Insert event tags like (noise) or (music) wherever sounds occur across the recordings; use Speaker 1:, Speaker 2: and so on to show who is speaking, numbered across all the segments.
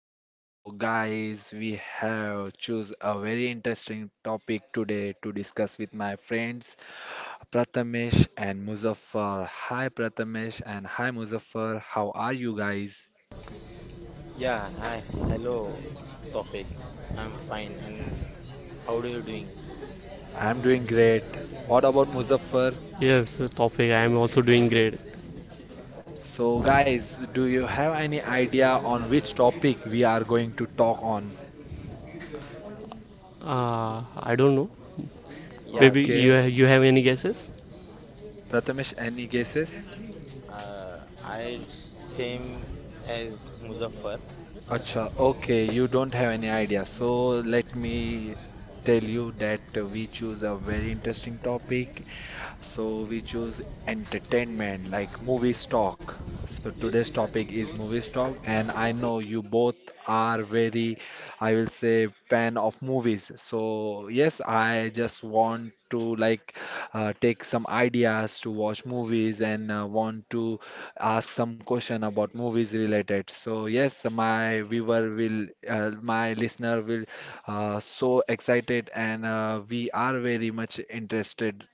Speaker 1: So guys, we have choose a very interesting topic today to discuss with my friends Prathamesh and Muzaffar. Hi Prathamesh and hi Muzaffar. How are you guys?
Speaker 2: Yeah, hi, hello, Tofik. I'm fine, and how are you doing?
Speaker 1: I'm doing great. What about Muzaffar?
Speaker 3: Yes, Tawfiq, I am also doing great.
Speaker 1: So guys, do you have any idea on which topic we are going to talk on?
Speaker 3: I don't know.
Speaker 2: Yeah,
Speaker 3: Maybe
Speaker 1: Okay,
Speaker 2: same here.
Speaker 3: you have any guesses?
Speaker 1: Prathamesh, any guesses?
Speaker 2: Uh, I same as Muzaffar.
Speaker 1: Acha, okay, you don't have any idea. So let me tell you that we choose a very interesting topic so we choose entertainment like movie stock. So today's topic is movie stock, and I know you both are very, I will say, fan of movies. So yes, I just want to like take some ideas to watch movies and want to ask some question about movies related. So yes, my viewer will, my listener will so excited and we are very much interested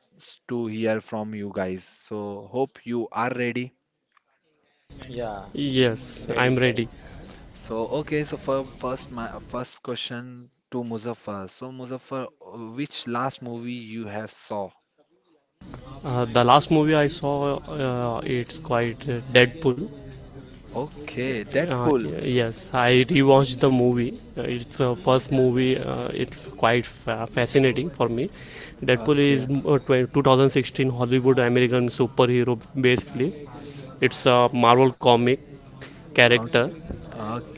Speaker 1: to hear from you guys. So hope you are ready.
Speaker 2: Yeah,
Speaker 3: Yes, I'm
Speaker 2: ready for...
Speaker 3: ready.
Speaker 1: So okay, so for first my first question to Muzaffar. So Muzaffar, which last movie you have saw?
Speaker 3: The last movie I saw, it's quite Deadpool.
Speaker 1: Okay, Deadpool.
Speaker 3: Yes, I rewatched the movie. It's the first movie. It's quite fascinating for me. Deadpool is
Speaker 1: Okay.
Speaker 3: 2016 Hollywood American superhero. Basically, it's a Marvel comic
Speaker 1: o-
Speaker 3: character.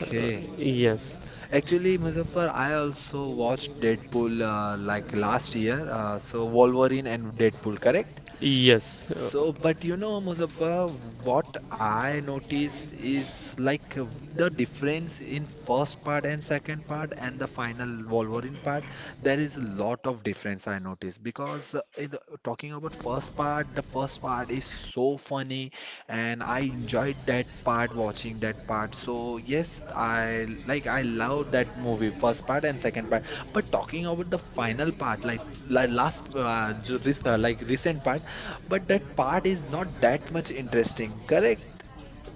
Speaker 3: Uh, yes,
Speaker 1: Actually, Muzaffar, I also watched Deadpool like last year. So Wolverine and Deadpool, correct?
Speaker 3: yes. Uh,
Speaker 1: So, but you know, Muzaffar, what I noticed is like the difference in first part and second part and the final Wolverine part. There is a lot of difference I noticed because in talking about first part, the first part is so fun funny and I enjoyed that part watching that part. So yes, I like I loved that movie first part and second part. But talking about the final part, like last like recent part, but that part is not that much interesting, correct?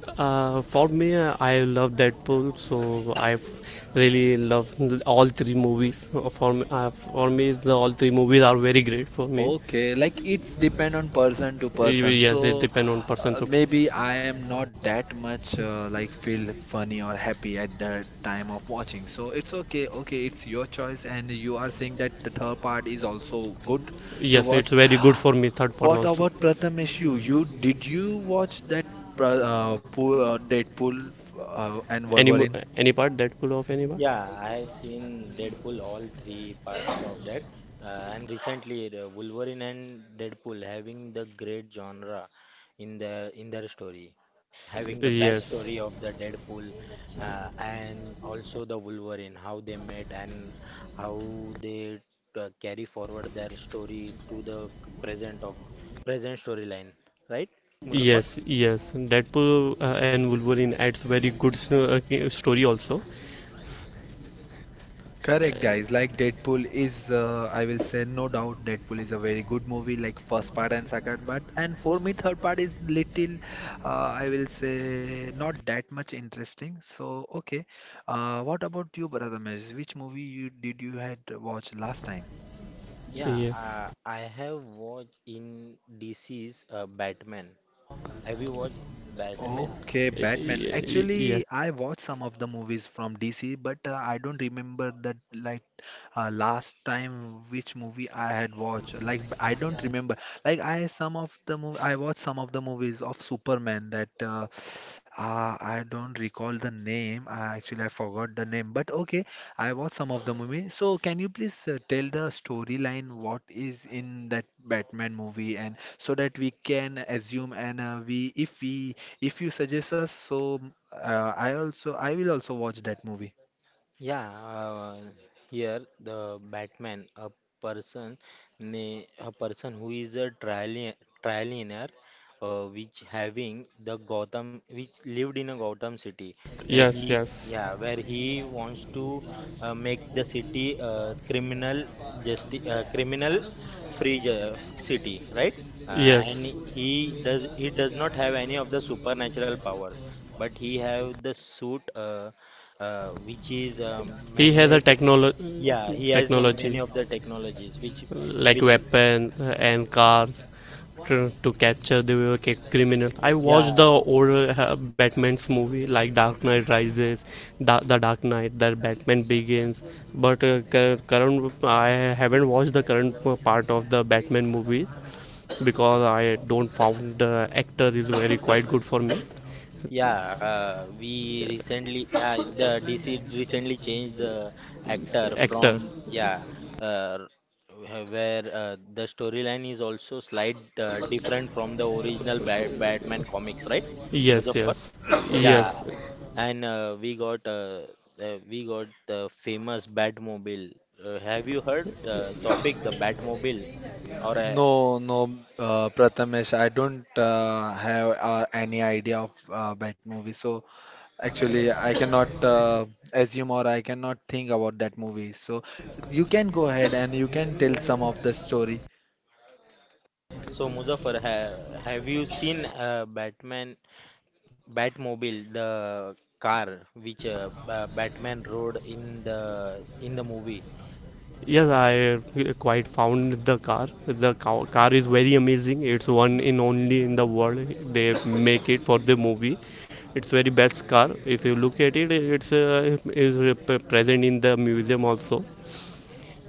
Speaker 3: For me, I love Deadpool, so I really love all three movies. For me, the all three movies are very great for me.
Speaker 1: Okay, like it's depend on person to person.
Speaker 3: Yes, it
Speaker 1: So
Speaker 3: depends on person. So
Speaker 1: maybe I am not that much like feel funny or happy at the time of watching. So it's okay. Okay, it's your choice, and you are saying that the third part is also good to
Speaker 3: yes,
Speaker 1: watch.
Speaker 3: it's very good for me. Third part
Speaker 1: What
Speaker 3: also.
Speaker 1: about Prathamesh? You did you watch that Pool, Deadpool and
Speaker 3: Any mo-
Speaker 1: Wolverine?
Speaker 3: any part Deadpool of any part?
Speaker 2: Yeah, I have seen Deadpool all three parts of that, and recently the Wolverine and Deadpool having the great genre in their story, having the
Speaker 3: Yes.
Speaker 2: backstory of the Deadpool and also the Wolverine, how they met and how they carry forward their story to the present of present storyline, right, Muzaffar?
Speaker 3: Yes, yes. Deadpool and Wolverine adds very good story also.
Speaker 1: Correct, guys. Like Deadpool is, I will say, no doubt, Deadpool is a very good movie, like first part and second part. And for me, third part is little, I will say, not that much interesting. So, okay. What about you, Brother Mesh? Which movie you did you had watched last time?
Speaker 2: Yeah,
Speaker 3: Yes.
Speaker 2: I have watched in DC's Batman. Have you watched Batman?
Speaker 1: Okay, Batman.
Speaker 3: Yes.
Speaker 1: Actually, I watched some of the movies from DC, but I don't remember that like last time which movie I had watched. Like I don't remember. Like I some of the movie I watched some of the movies of Superman that I don't recall the name. I actually I forgot the name, but okay, I watched some of the movie. So can you please tell the storyline what is in that Batman movie and so that we can assume and we if you suggest us so I also I will also watch that movie.
Speaker 2: Yeah, here the Batman, person, a person who is a trillionaire, which having the Gotham, which lived in a Gotham city,
Speaker 3: Yes. Yes.
Speaker 2: where he wants to make the city criminal free city, right?
Speaker 3: Yes.
Speaker 2: And he does not have any of the supernatural powers, but he have the suit. Which is
Speaker 3: He has a
Speaker 2: man-made.
Speaker 3: technology.
Speaker 2: Yeah, he has the many
Speaker 3: Technology.
Speaker 2: of the technologies which...
Speaker 3: Like
Speaker 2: Which
Speaker 3: weapons and cars to capture the criminal. I
Speaker 2: yeah.
Speaker 3: watched the old Batman's movie like Dark Knight Rises, The Dark Knight, The Batman Begins. But current I haven't watched the current part of the Batman movie because I don't found the actor is very quite good for me.
Speaker 2: Yeah, we recently... Yeah, the DC recently changed the actor
Speaker 3: Actor,
Speaker 2: from... Yeah, uh, where the storyline is also slight different from the original Batman comics, right,
Speaker 3: yes,
Speaker 2: Muzaffar?
Speaker 3: yes,
Speaker 2: Yeah,
Speaker 3: yes.
Speaker 2: and we got the famous Batmobile. Have you heard the topic, the Batmobile? Or
Speaker 1: No, no, Prathamesh, I don't have any idea of Bat movie. So actually, I cannot assume or I cannot think about that movie. So you can go ahead and you can tell some of the story.
Speaker 2: Yeah, so Muzaffar, ha have you seen Batman Batmobile, the car which Ba- Batman rode in the movie?
Speaker 3: Yes, I quite found the car. The car is very amazing. It's one in only in the world. They make it for the movie. It's very best car. If you look at it, it's is present in the museum also.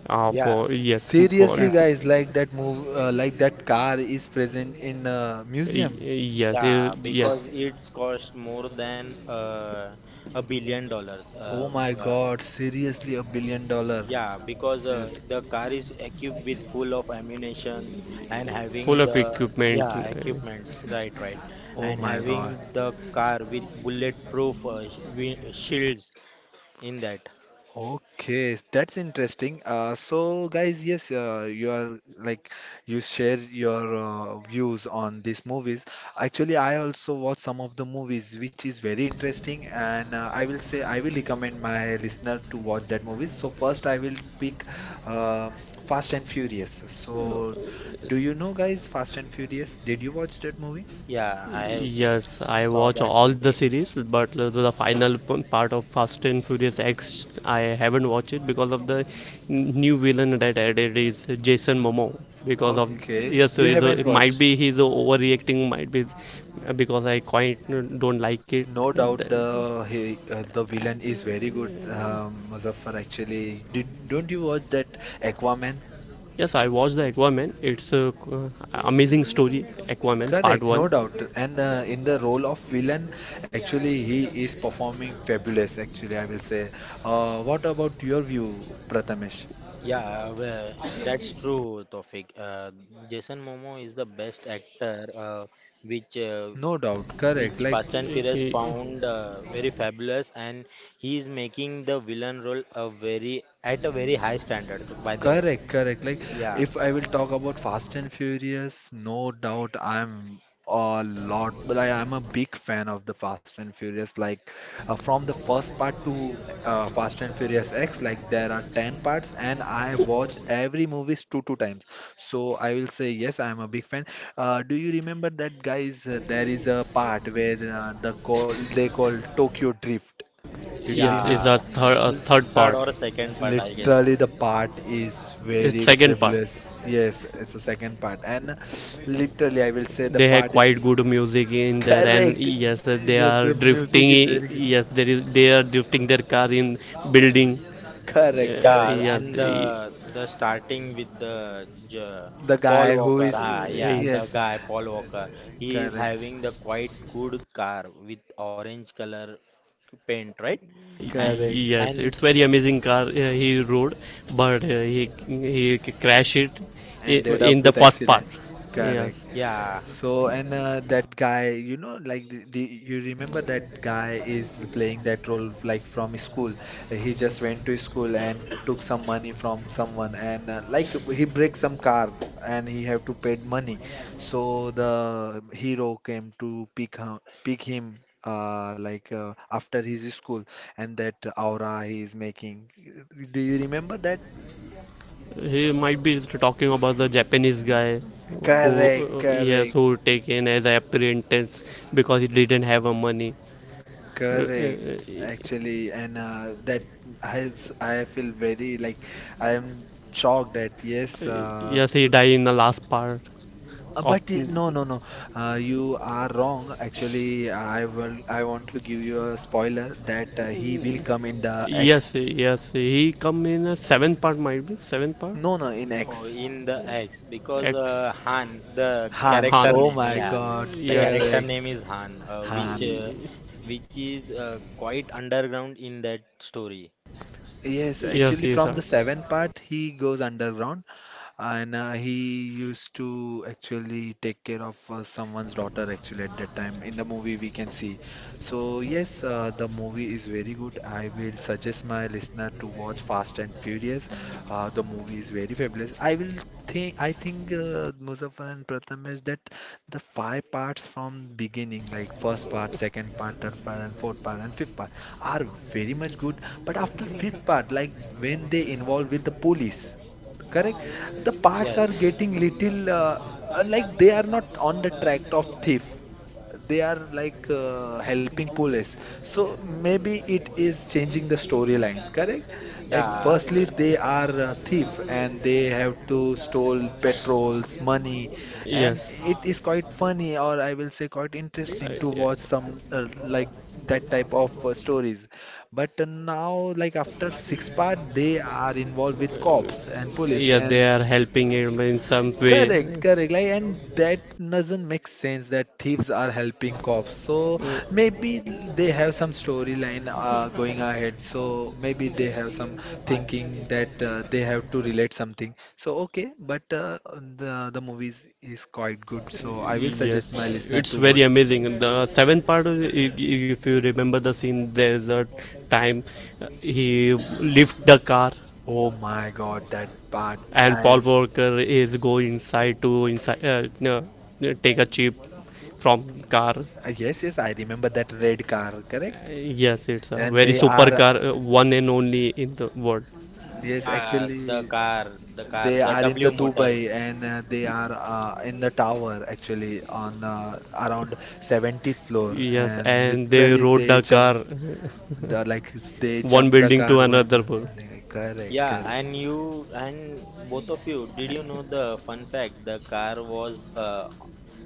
Speaker 2: Yeah,
Speaker 3: For yes, for
Speaker 1: Seriously,
Speaker 2: yeah,
Speaker 1: guys, like that move, like that car is present in a museum.
Speaker 3: y- Yes,
Speaker 2: yeah.
Speaker 3: yes,
Speaker 2: Because it's cost more than $1 billion.
Speaker 1: Oh my
Speaker 2: Uh,
Speaker 1: God, seriously, a billion dollars.
Speaker 2: Yeah, because
Speaker 1: Seriously.
Speaker 2: the car is equipped with full of ammunition and
Speaker 3: full
Speaker 2: having
Speaker 3: of
Speaker 2: the...
Speaker 3: equipment.
Speaker 2: Yeah,
Speaker 3: uh,
Speaker 2: equipments, right, right,
Speaker 1: Oh
Speaker 2: and
Speaker 1: my God.
Speaker 2: having the car with bulletproof shields in that.
Speaker 1: Okay, that's interesting. So, guys, yes, you are like you share your views on these movies. Actually, I also watch some of the movies, which is very interesting, and I will say I will recommend my listener to watch that movies. So, first, I will pick uh, Fast and Furious. So, do you know, guys, Fast and Furious? Did you watch that movie?
Speaker 2: Yeah, I have
Speaker 3: Yes, I
Speaker 2: saw
Speaker 3: watch
Speaker 2: that
Speaker 3: all the
Speaker 2: movie.
Speaker 3: series, but the final part of Fast and Furious X, I haven't watched it because of the new villain that added is Jason Momoa. Because of
Speaker 1: Okay,
Speaker 3: yes,
Speaker 1: you
Speaker 3: so, so
Speaker 1: haven't
Speaker 3: it might
Speaker 1: watched.
Speaker 3: be he's overreacting, might be because I quite don't like it.
Speaker 1: No doubt the he, the villain is very good, Muzaffar. Actually, did don't you watch that Aquaman?
Speaker 3: Yes, I watched the Aquaman. It's a amazing story, Aquaman Part
Speaker 1: Correct,
Speaker 3: One.
Speaker 1: no doubt. And in the role of villain, actually he is performing fabulous. Actually, I will say. What about your view, Prathamesh?
Speaker 2: Yeah, uh, well, that's true, Tofik. Jason Momo is the best actor, which uh,
Speaker 1: No doubt, correct.
Speaker 2: which
Speaker 1: Like
Speaker 2: Fast and Furious found very fabulous, and he is making the villain role a very at a very high standards. By the way,
Speaker 1: correct, correct. Like
Speaker 2: yeah,
Speaker 1: if I will talk about Fast and Furious, no doubt I'm a lot, but I am a big fan of the Fast and Furious. Like from the first part to Fast and Furious X, like there are 10 parts and I watched every movies two times. So I will say yes, I am a big fan. Do you remember that guys? There is a part where the call they call Tokyo Drift. Did you
Speaker 3: Yes, it's
Speaker 2: yeah,
Speaker 1: remember?
Speaker 3: a, a third
Speaker 2: third
Speaker 3: part.
Speaker 2: or second part, I guess.
Speaker 1: Literally, the part is
Speaker 3: It's
Speaker 1: very
Speaker 3: second part.
Speaker 1: fabulous. Yes, it's the second part, and literally, I will say the
Speaker 3: They have
Speaker 1: part is
Speaker 3: quite good music in there, and
Speaker 1: correct.
Speaker 3: yes, they
Speaker 1: Yes,
Speaker 3: are
Speaker 1: the music is very
Speaker 3: drifting.
Speaker 1: good.
Speaker 3: Yes, there is they are drifting their car in building.
Speaker 1: Correct,
Speaker 3: Uh,
Speaker 1: correct.
Speaker 2: Yeah,
Speaker 3: yeah,
Speaker 2: and
Speaker 3: they-
Speaker 2: the starting with the J-
Speaker 1: The
Speaker 2: Paul
Speaker 1: guy who
Speaker 2: Walker,
Speaker 1: is
Speaker 2: ah, yeah, the
Speaker 1: yes,
Speaker 3: uh,
Speaker 2: guy Paul Walker, he is
Speaker 1: correct,
Speaker 2: having the quite good car with orange color paint, right? And
Speaker 1: correct.
Speaker 3: yes,
Speaker 2: and
Speaker 3: it's very amazing car he rode, but he crashed it
Speaker 1: Ended up
Speaker 3: in the
Speaker 1: with
Speaker 3: first part.
Speaker 1: accident.
Speaker 3: Yes,
Speaker 1: Correct.
Speaker 2: yeah.
Speaker 1: So, and that guy, you know, like you remember that guy is playing that role like from school. He just went to school and took some money from someone, and like he breaks some car and he have to pay money. So the hero came to pick him. Like after his school and that aura he is making. Do you remember that?
Speaker 3: he might be talking about the Japanese guy who
Speaker 1: Correct,
Speaker 3: yes
Speaker 1: correct.
Speaker 3: who taken as apprentice because he didn't have a money. Uh,
Speaker 1: Correct,
Speaker 3: uh,
Speaker 1: actually, and that I feel very like I am shocked that yes,
Speaker 3: Yes, he died in the last part of.
Speaker 1: but no no no, you are wrong. Actually, I want to give you a spoiler that he will come in the
Speaker 3: Yes,
Speaker 1: X.
Speaker 3: yes, he come in the seventh part, might be seventh part.
Speaker 1: No no, in
Speaker 2: No,
Speaker 1: X.
Speaker 2: in the X because
Speaker 3: X.
Speaker 2: Han, the
Speaker 1: Han.
Speaker 2: character
Speaker 3: Han.
Speaker 1: Oh
Speaker 2: name,
Speaker 1: my
Speaker 2: yeah,
Speaker 1: God,
Speaker 2: the
Speaker 3: Yes,
Speaker 2: character name
Speaker 1: correct.
Speaker 2: is Han,
Speaker 1: Han.
Speaker 2: which is quite underground in that story.
Speaker 1: Yes,
Speaker 3: yes,
Speaker 1: actually,
Speaker 3: yes,
Speaker 2: Yeah.
Speaker 1: from
Speaker 3: sir.
Speaker 1: the seventh part, he goes underground and he used to actually take care of someone's daughter actually at that time in the movie we can see. So yes, the movie is very good. I will suggest my listener to watch Fast and Furious. The movie is very fabulous. I will think Muzaffar and Pratham is that the five parts from beginning like first part, second part, third part and fourth part and fifth part are very much good, but after fifth part like when they involve with the police. Correct. The parts are
Speaker 2: Yes.
Speaker 1: getting little like they are not on the track of thief. They are like helping police. So maybe it is changing the storyline. Correct. Like
Speaker 2: Yeah.
Speaker 1: firstly they are thief and they have to stole petrols, money, and
Speaker 3: Yes,
Speaker 1: it is quite funny or I will say quite interesting to watch
Speaker 3: uh,
Speaker 1: some like that type of stories. But now, like after six-part, they are involved with cops and police
Speaker 3: yes, they
Speaker 1: and
Speaker 3: are helping him in some way.
Speaker 1: correct, correct. Like, and that doesn't make sense that thieves are helping cops. So
Speaker 3: Uh,
Speaker 1: maybe they have some storyline going ahead. So maybe they have some thinking that they have to relate something. So okay, but the movies is quite good. So I will suggest my
Speaker 3: yes,
Speaker 1: listener
Speaker 3: it's
Speaker 1: to
Speaker 3: very
Speaker 1: watch.
Speaker 3: amazing. The seventh part, if you remember the scene, there's a time he lift the car
Speaker 1: Oh my God, that part.
Speaker 3: and Paul
Speaker 1: I,
Speaker 3: Walker is go inside to inside no, no, take a chip from car.
Speaker 1: yes, yes, I remember that red car, correct?
Speaker 3: Yes, it's a
Speaker 1: And
Speaker 3: very
Speaker 1: they
Speaker 3: super
Speaker 1: are,
Speaker 3: car, one and only in the world.
Speaker 1: yes,
Speaker 2: Yeah. The
Speaker 1: actually,
Speaker 2: car,
Speaker 1: they
Speaker 2: the
Speaker 1: are in the
Speaker 2: W motors.
Speaker 1: Dubai and they are in the tower actually on around 70th floor
Speaker 3: Yes,
Speaker 1: and
Speaker 3: and they
Speaker 1: literally
Speaker 3: rode
Speaker 1: they
Speaker 3: the car
Speaker 1: jump the, like they
Speaker 3: one
Speaker 1: jump the
Speaker 3: building
Speaker 1: car
Speaker 3: to
Speaker 1: one, two,
Speaker 3: another.
Speaker 1: one, like, correct,
Speaker 2: Yeah,
Speaker 1: correct.
Speaker 2: and you and both of you, did you know the fun fact? The car was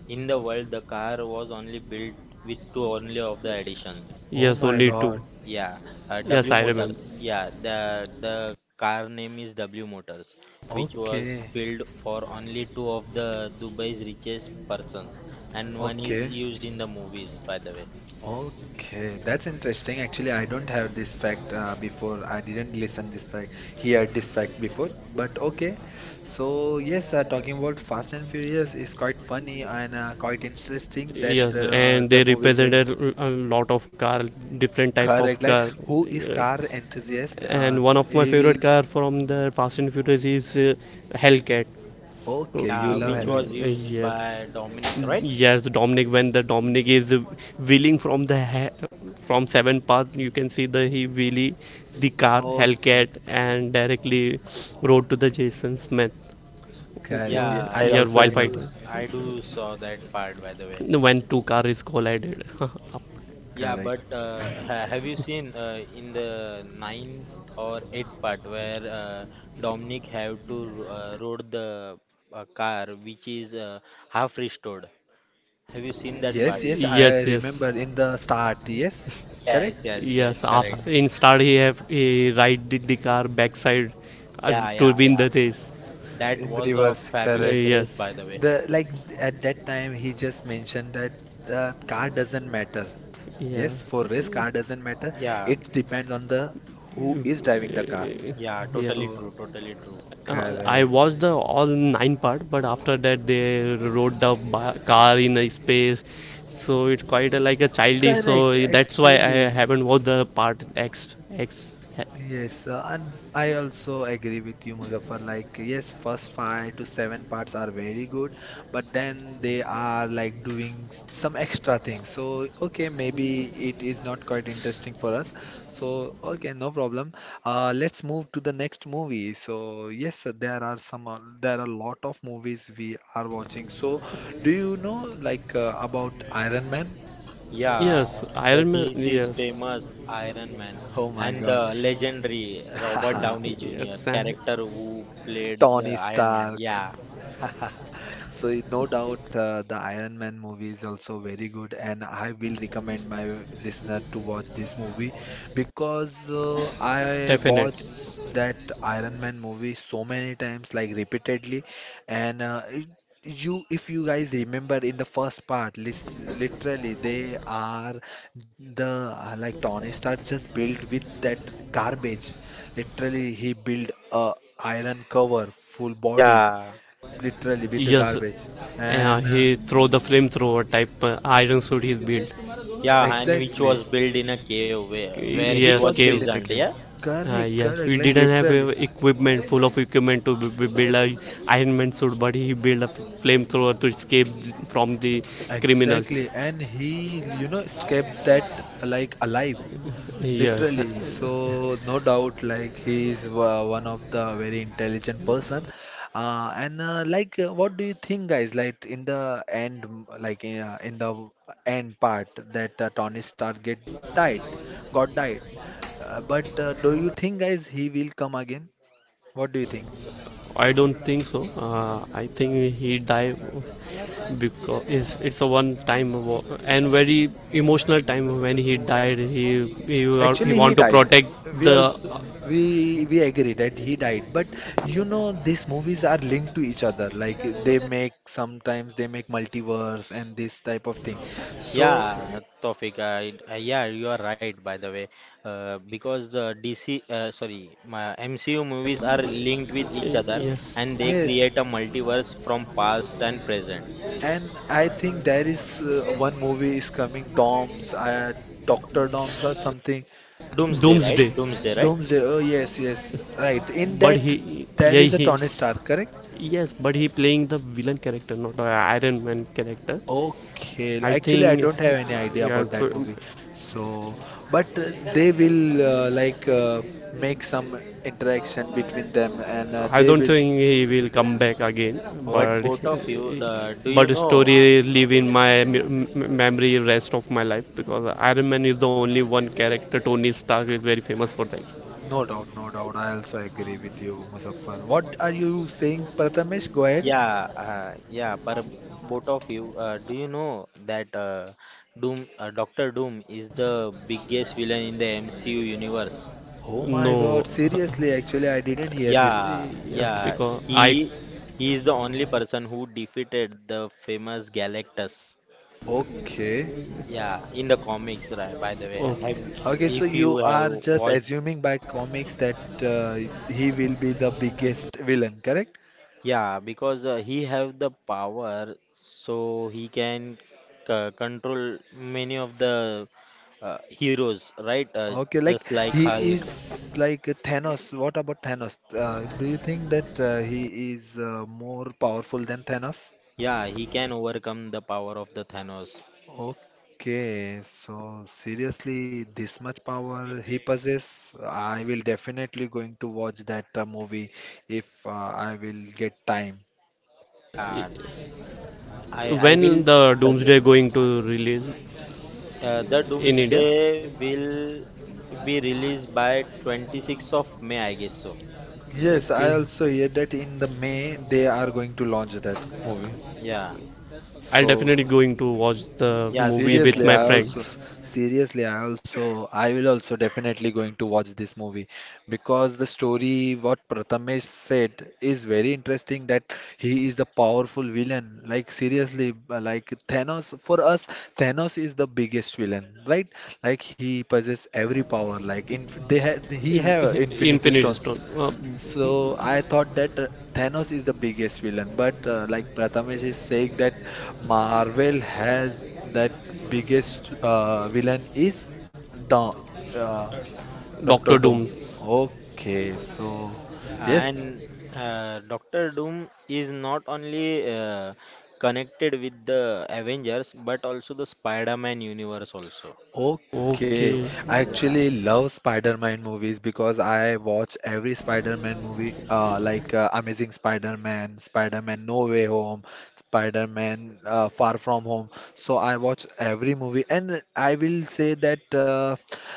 Speaker 2: in the world, the car was only built with two only of the additions.
Speaker 1: Oh
Speaker 3: Yes,
Speaker 1: my
Speaker 3: only
Speaker 1: God.
Speaker 3: two.
Speaker 2: Yeah, W
Speaker 3: Yes, I
Speaker 2: Motors.
Speaker 3: remember.
Speaker 2: Yeah, the car name is W Motors, which was
Speaker 1: Okay,
Speaker 2: built for only two of the Dubai's richest persons, and one is
Speaker 1: okay.
Speaker 2: used in the movies, by the way.
Speaker 1: Okay, that's interesting. Actually, I don't have this fact before. I didn't listen this fact, hear this fact before. But okay, so yes, talking about Fast and Furious is quite funny and quite interesting that
Speaker 3: Yes, and
Speaker 1: the
Speaker 3: they
Speaker 1: movies will
Speaker 3: represented a lot of car, different type of
Speaker 1: correct. Like,
Speaker 3: car.
Speaker 1: who is
Speaker 3: Yeah.
Speaker 1: car enthusiast?
Speaker 3: And one of my
Speaker 1: He will.
Speaker 3: favorite car from the Fast and Furious is Hellcat.
Speaker 1: Okay, you
Speaker 2: Yeah,
Speaker 1: love
Speaker 2: which
Speaker 1: Helga.
Speaker 2: was used
Speaker 3: Yes.
Speaker 2: by Dominic, right?
Speaker 3: Yes, Dominic. When the Dominic is wheeling from seven path, you can see the he wheelie the car
Speaker 1: Okay,
Speaker 3: Hellcat and directly rode to the Jason Smith.
Speaker 1: correct.
Speaker 3: Uh,
Speaker 1: Yeah,
Speaker 2: Yeah,
Speaker 1: I
Speaker 3: yeah,
Speaker 1: also
Speaker 2: I
Speaker 3: while
Speaker 2: do
Speaker 1: remember.
Speaker 3: fighting,
Speaker 2: I do saw that part, by the way.
Speaker 3: when two cars collided. (laughs)
Speaker 2: Yeah, but
Speaker 1: Correct.
Speaker 2: ha have you seen in the ninth or eighth part where Dominic have to rode the car which is half restored? Have you seen that
Speaker 1: Yes,
Speaker 2: part?
Speaker 1: yes, I
Speaker 3: Yes, yes,
Speaker 1: remember in the start. Yes,
Speaker 3: S-
Speaker 1: correct?
Speaker 2: Yes, yes,
Speaker 3: yes.
Speaker 2: that
Speaker 3: After,
Speaker 2: correct.
Speaker 1: Yes.
Speaker 3: in start, he have he ride the car backside
Speaker 2: Yeah, yeah,
Speaker 3: to win
Speaker 2: yeah.
Speaker 3: the race.
Speaker 2: That
Speaker 1: In the
Speaker 2: was a
Speaker 1: reverse,
Speaker 3: Uh,
Speaker 2: fabulous
Speaker 1: correct.
Speaker 2: race,
Speaker 3: yes,
Speaker 2: by the way.
Speaker 1: The like at that time he just mentioned that the car doesn't matter.
Speaker 3: yeah,
Speaker 1: Yes, for race car doesn't matter.
Speaker 2: Yeah,
Speaker 1: It depends on the who is driving the car.
Speaker 3: Uh,
Speaker 2: yeah,
Speaker 3: yeah.
Speaker 2: totally
Speaker 1: So
Speaker 2: true, totally true.
Speaker 3: I
Speaker 1: correct.
Speaker 3: watched the all nine part, but after that they rode the car in a space, so it's quite a, like a childish.
Speaker 1: Correct,
Speaker 3: So that's why I
Speaker 1: actually.
Speaker 3: haven't watched the part X. X.
Speaker 1: Yes, and I also agree with you, Muzaffar. Like, yes, first five to seven parts are very good, but then they are like doing some extra things. So, okay, maybe it is not quite interesting for us. So, okay, no problem. Let's move to the next movie. So, yes, there are some, there are a lot of movies we are watching. So, do you know like about Iron Man?
Speaker 2: Yeah,
Speaker 3: Yes,
Speaker 2: the
Speaker 3: Iron Man.
Speaker 2: DC's
Speaker 3: Yes,
Speaker 2: famous Iron Man
Speaker 1: Oh my
Speaker 2: and
Speaker 1: God.
Speaker 2: the legendary Robert Downey Jr.
Speaker 3: yes,
Speaker 2: character who
Speaker 1: (laughs)
Speaker 2: played the
Speaker 1: Tony
Speaker 2: Iron Man.
Speaker 1: Stark.
Speaker 2: Yeah,
Speaker 1: (laughs) So no doubt, the Iron Man movie is also very good, and I will recommend my listener to watch this movie because I
Speaker 3: definite.
Speaker 1: watched that Iron Man movie so many times, like repeatedly, and if you guys remember in the first part, literally they are the like Tony Stark just built with that garbage. Literally, he built a iron cover, full. Yeah. Body
Speaker 2: yeah,
Speaker 1: literally with the
Speaker 3: Yes,
Speaker 1: garbage and
Speaker 3: he throw the flamethrower type iron suit he's built.
Speaker 2: yeah, and which
Speaker 1: exactly,
Speaker 2: was built in a cave
Speaker 1: it
Speaker 2: where he
Speaker 1: which
Speaker 3: Yes,
Speaker 2: was
Speaker 1: was built
Speaker 3: cave.
Speaker 1: in the
Speaker 2: prisoned. Yeah,
Speaker 1: cave, correct,
Speaker 3: Yes,
Speaker 1: correct,
Speaker 3: we
Speaker 1: like
Speaker 3: didn't have
Speaker 1: literally,
Speaker 3: equipment full of equipment to build a Iron Man suit, but he built a flamethrower to escape from the
Speaker 1: exactly,
Speaker 3: criminals.
Speaker 1: and he, you know, escaped that like alive.
Speaker 3: Yes,
Speaker 1: Literally, so no doubt, like he is one of the very intelligent person, what do you think, guys? Like in the end, like in the end part, that Tony Stark get died, got died. But do you think, guys, he will come again? What do you think?
Speaker 3: I don't think so. I think he died because it's a one time and very emotional time when he died.
Speaker 1: Actually,
Speaker 3: He
Speaker 1: he
Speaker 3: want to
Speaker 1: died.
Speaker 3: protect
Speaker 1: We
Speaker 3: the
Speaker 1: also, we agree that he died, but you know these movies are linked to each other. Like they make, sometimes they make multiverse and this type of thing. So
Speaker 2: yeah, Tofik, yeah, you are right, by the way, because the DC, sorry, my MCU movies are linked with each other
Speaker 3: yes
Speaker 2: and they
Speaker 1: yes,
Speaker 2: create a multiverse from past and present.
Speaker 1: and I think there is one movie is coming, Doctor Doms or something.
Speaker 2: Doomsday, right?
Speaker 3: doomsday,
Speaker 2: Doomsday, right?
Speaker 1: Doomsday. Oh yes, yes, right. In
Speaker 3: but
Speaker 1: that
Speaker 3: he
Speaker 1: there
Speaker 3: yeah
Speaker 1: is a
Speaker 3: he.
Speaker 1: Tony Stark, correct?
Speaker 3: Yes, but he playing the villain character, not a Iron Man character.
Speaker 1: Okay,
Speaker 3: I
Speaker 1: actually, I
Speaker 3: think,
Speaker 1: don't have any idea
Speaker 3: yeah,
Speaker 1: about that
Speaker 3: so
Speaker 1: movie. So, but they will uh, like uh, make some interaction between them, and
Speaker 3: I
Speaker 1: they
Speaker 3: don't
Speaker 1: will.
Speaker 3: think he will come back again.
Speaker 1: Oh,
Speaker 2: But
Speaker 3: But
Speaker 2: both of you, do
Speaker 3: but
Speaker 2: you
Speaker 3: story
Speaker 2: know?
Speaker 3: live in memory rest of my life because Iron Man is the only one character Tony Stark is very famous for this.
Speaker 1: no doubt, no doubt. I also agree with you, Muzaffar. What are you saying, Prathamesh? Go ahead.
Speaker 2: Yeah. But both of you, do you know that Doctor Doom is the biggest villain in the MCU universe?
Speaker 1: Oh my
Speaker 3: No,
Speaker 1: God,
Speaker 3: (laughs)
Speaker 1: seriously, actually, I didn't hear this.
Speaker 2: Yeah,
Speaker 3: yes,
Speaker 2: yeah.
Speaker 3: because I
Speaker 2: He is the only person who defeated the famous Galactus.
Speaker 1: Okay.
Speaker 2: Yeah, in the
Speaker 1: Uh,
Speaker 2: comics, right, by the way.
Speaker 3: oh,
Speaker 2: Have you,
Speaker 1: okay, so
Speaker 2: if you
Speaker 1: you
Speaker 2: have
Speaker 1: are just
Speaker 2: watched...
Speaker 1: assuming by comics that uh, he will be the biggest villain, correct?
Speaker 2: Yeah, because he have the power, so he can c control many of the heroes, right?
Speaker 1: Okay,
Speaker 2: Just
Speaker 1: like
Speaker 2: like
Speaker 1: he
Speaker 2: Hulk.
Speaker 1: is like Thanos. What about Thanos? Do you think that he is more powerful than Thanos?
Speaker 2: Yeah, he can overcome the power of the Thanos.
Speaker 1: Okay, so seriously, this much power he possesses? I will definitely going to watch that movie if I will get time.
Speaker 2: Yeah, I
Speaker 3: when
Speaker 2: will
Speaker 3: the
Speaker 2: suggest.
Speaker 3: Doomsday going to release
Speaker 2: The
Speaker 3: in India,
Speaker 2: Doomsday will be released by 26th of May, I guess so.
Speaker 1: Yes, I also hear that in the May they are going to launch that movie.
Speaker 2: Yeah,
Speaker 3: I'll
Speaker 1: So.
Speaker 3: definitely going to watch the
Speaker 2: yeah,
Speaker 3: movie
Speaker 2: same
Speaker 3: with
Speaker 2: year,
Speaker 1: Seriously,
Speaker 3: my
Speaker 1: I
Speaker 2: same year.
Speaker 1: also,
Speaker 3: friends.
Speaker 1: I will also definitely going to watch this movie because the story what Prathamesh said is very interesting, that he is the powerful villain. Like seriously, like Thanos, for us, Thanos is the biggest villain, right? Like he possesses every power. Like in, they ha he
Speaker 3: In,
Speaker 1: have infinity
Speaker 3: Infinity
Speaker 1: stones.
Speaker 3: Stone.
Speaker 1: So I thought that Thanos is the biggest villain, but like Prathamesh is saying that Marvel has that biggest villain is Do uh,
Speaker 3: Doctor
Speaker 1: Doctor Doom.
Speaker 3: Doom.
Speaker 1: Okay, so
Speaker 2: Yeah,
Speaker 1: yes,
Speaker 2: and Doctor Doom is not only connected with the Avengers but also the Spider-Man universe also.
Speaker 1: okay,
Speaker 3: Okay.
Speaker 1: I
Speaker 2: Yeah.
Speaker 1: actually love Spider-Man movies because I watch every Spider-Man movie, Amazing Spider-Man, Spider-Man No Way Home, Spider-Man Far From Home. So I watch every movie, and I will say that uh,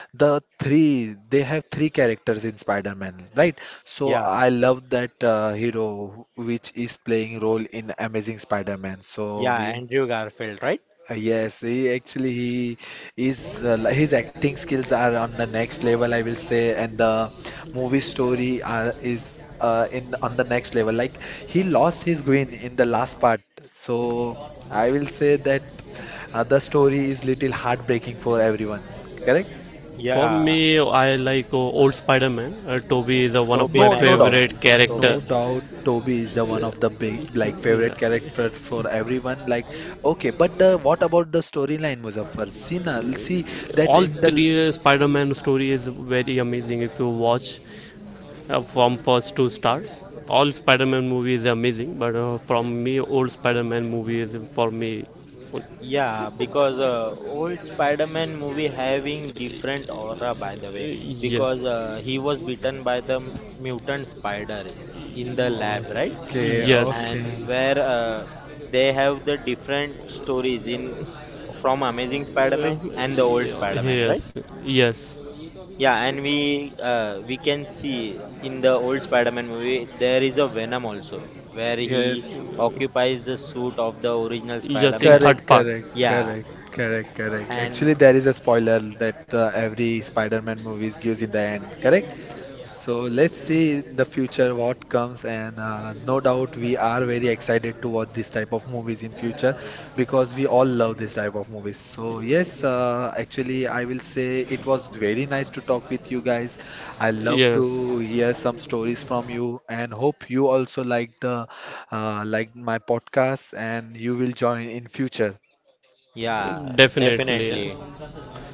Speaker 1: the three they have three characters in Spider-Man, right? So
Speaker 2: Yeah,
Speaker 1: I love that hero which is playing role in Amazing Spider-Man. So
Speaker 2: yeah,
Speaker 1: we.
Speaker 2: Andrew Garfield, right?
Speaker 1: Yes, he is his acting skills are on the next level, I will say, and the movie story is in on the next level. Like he lost his queen in the last part, so I will say that the story is little heartbreaking for everyone. Correct?
Speaker 3: For
Speaker 2: Yeah,
Speaker 3: me, I like old Spider-Man. Toby is one of
Speaker 2: Tobey
Speaker 3: my
Speaker 1: No, no doubt,
Speaker 2: Maguire.
Speaker 3: favorite
Speaker 2: Tobey
Speaker 1: no
Speaker 3: character.
Speaker 2: Maguire.
Speaker 1: doubt. Toby is the one of the big like
Speaker 3: Yeah.
Speaker 1: favorite character for everyone. Like okay, but the what about the storyline, Muzaffar? See, na, see that
Speaker 3: All
Speaker 1: in the.
Speaker 3: three Spider-Man story is very amazing if you watch from first to start. All Spider-Man movie is amazing, but from me, old Spider-Man movie is for me. Uh,
Speaker 2: Yeah, because old Spider-Man movie having different aura by the way, because
Speaker 3: yes,
Speaker 2: he was bitten by the mutant spider in the lab, right?
Speaker 1: Okay,
Speaker 3: yes,
Speaker 2: And
Speaker 1: okay.
Speaker 2: where they have the different stories in from Amazing
Speaker 3: Uh,
Speaker 2: Spider-Man and the old Spider-Man, right?
Speaker 3: yes, yes.
Speaker 2: Yeah, and we can see in the old Spider-Man movie there is a Venom also where he
Speaker 1: Yes,
Speaker 2: occupies the suit of the original
Speaker 3: Just in
Speaker 1: correct,
Speaker 3: third
Speaker 2: Spider-Man.
Speaker 3: part.
Speaker 1: correct,
Speaker 2: Yeah,
Speaker 1: correct, correct, correct.
Speaker 2: and
Speaker 1: Actually, there is a spoiler that every Spider-Man movies gives in the end, correct? So let's see in the future what comes, and no doubt we are very excited to watch this type of movies in future because we all love this type of movies. So yes, actually I will say it was very nice to talk with you guys. I love
Speaker 3: Yes,
Speaker 1: to hear some stories from you, and hope you also like the like my podcast and you will join in future.
Speaker 2: yeah,
Speaker 3: definitely.
Speaker 2: definitely.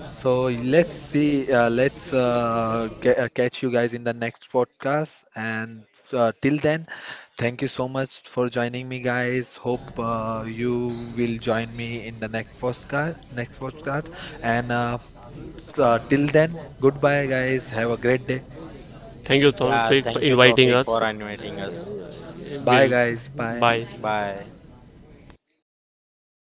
Speaker 1: So let's see, catch you guys in the next podcast. And till then, thank you so much for joining me, guys. Hope you will join me in the next podcast. Next podcast. And till then, goodbye, guys. Have a great day.
Speaker 3: Thank you
Speaker 2: Yeah,
Speaker 3: for
Speaker 2: thank you,
Speaker 3: inviting
Speaker 2: Tofik, for
Speaker 3: us.
Speaker 2: inviting us.
Speaker 1: Bye,
Speaker 3: We'll
Speaker 1: guys. Bye.
Speaker 3: bye.
Speaker 2: Bye.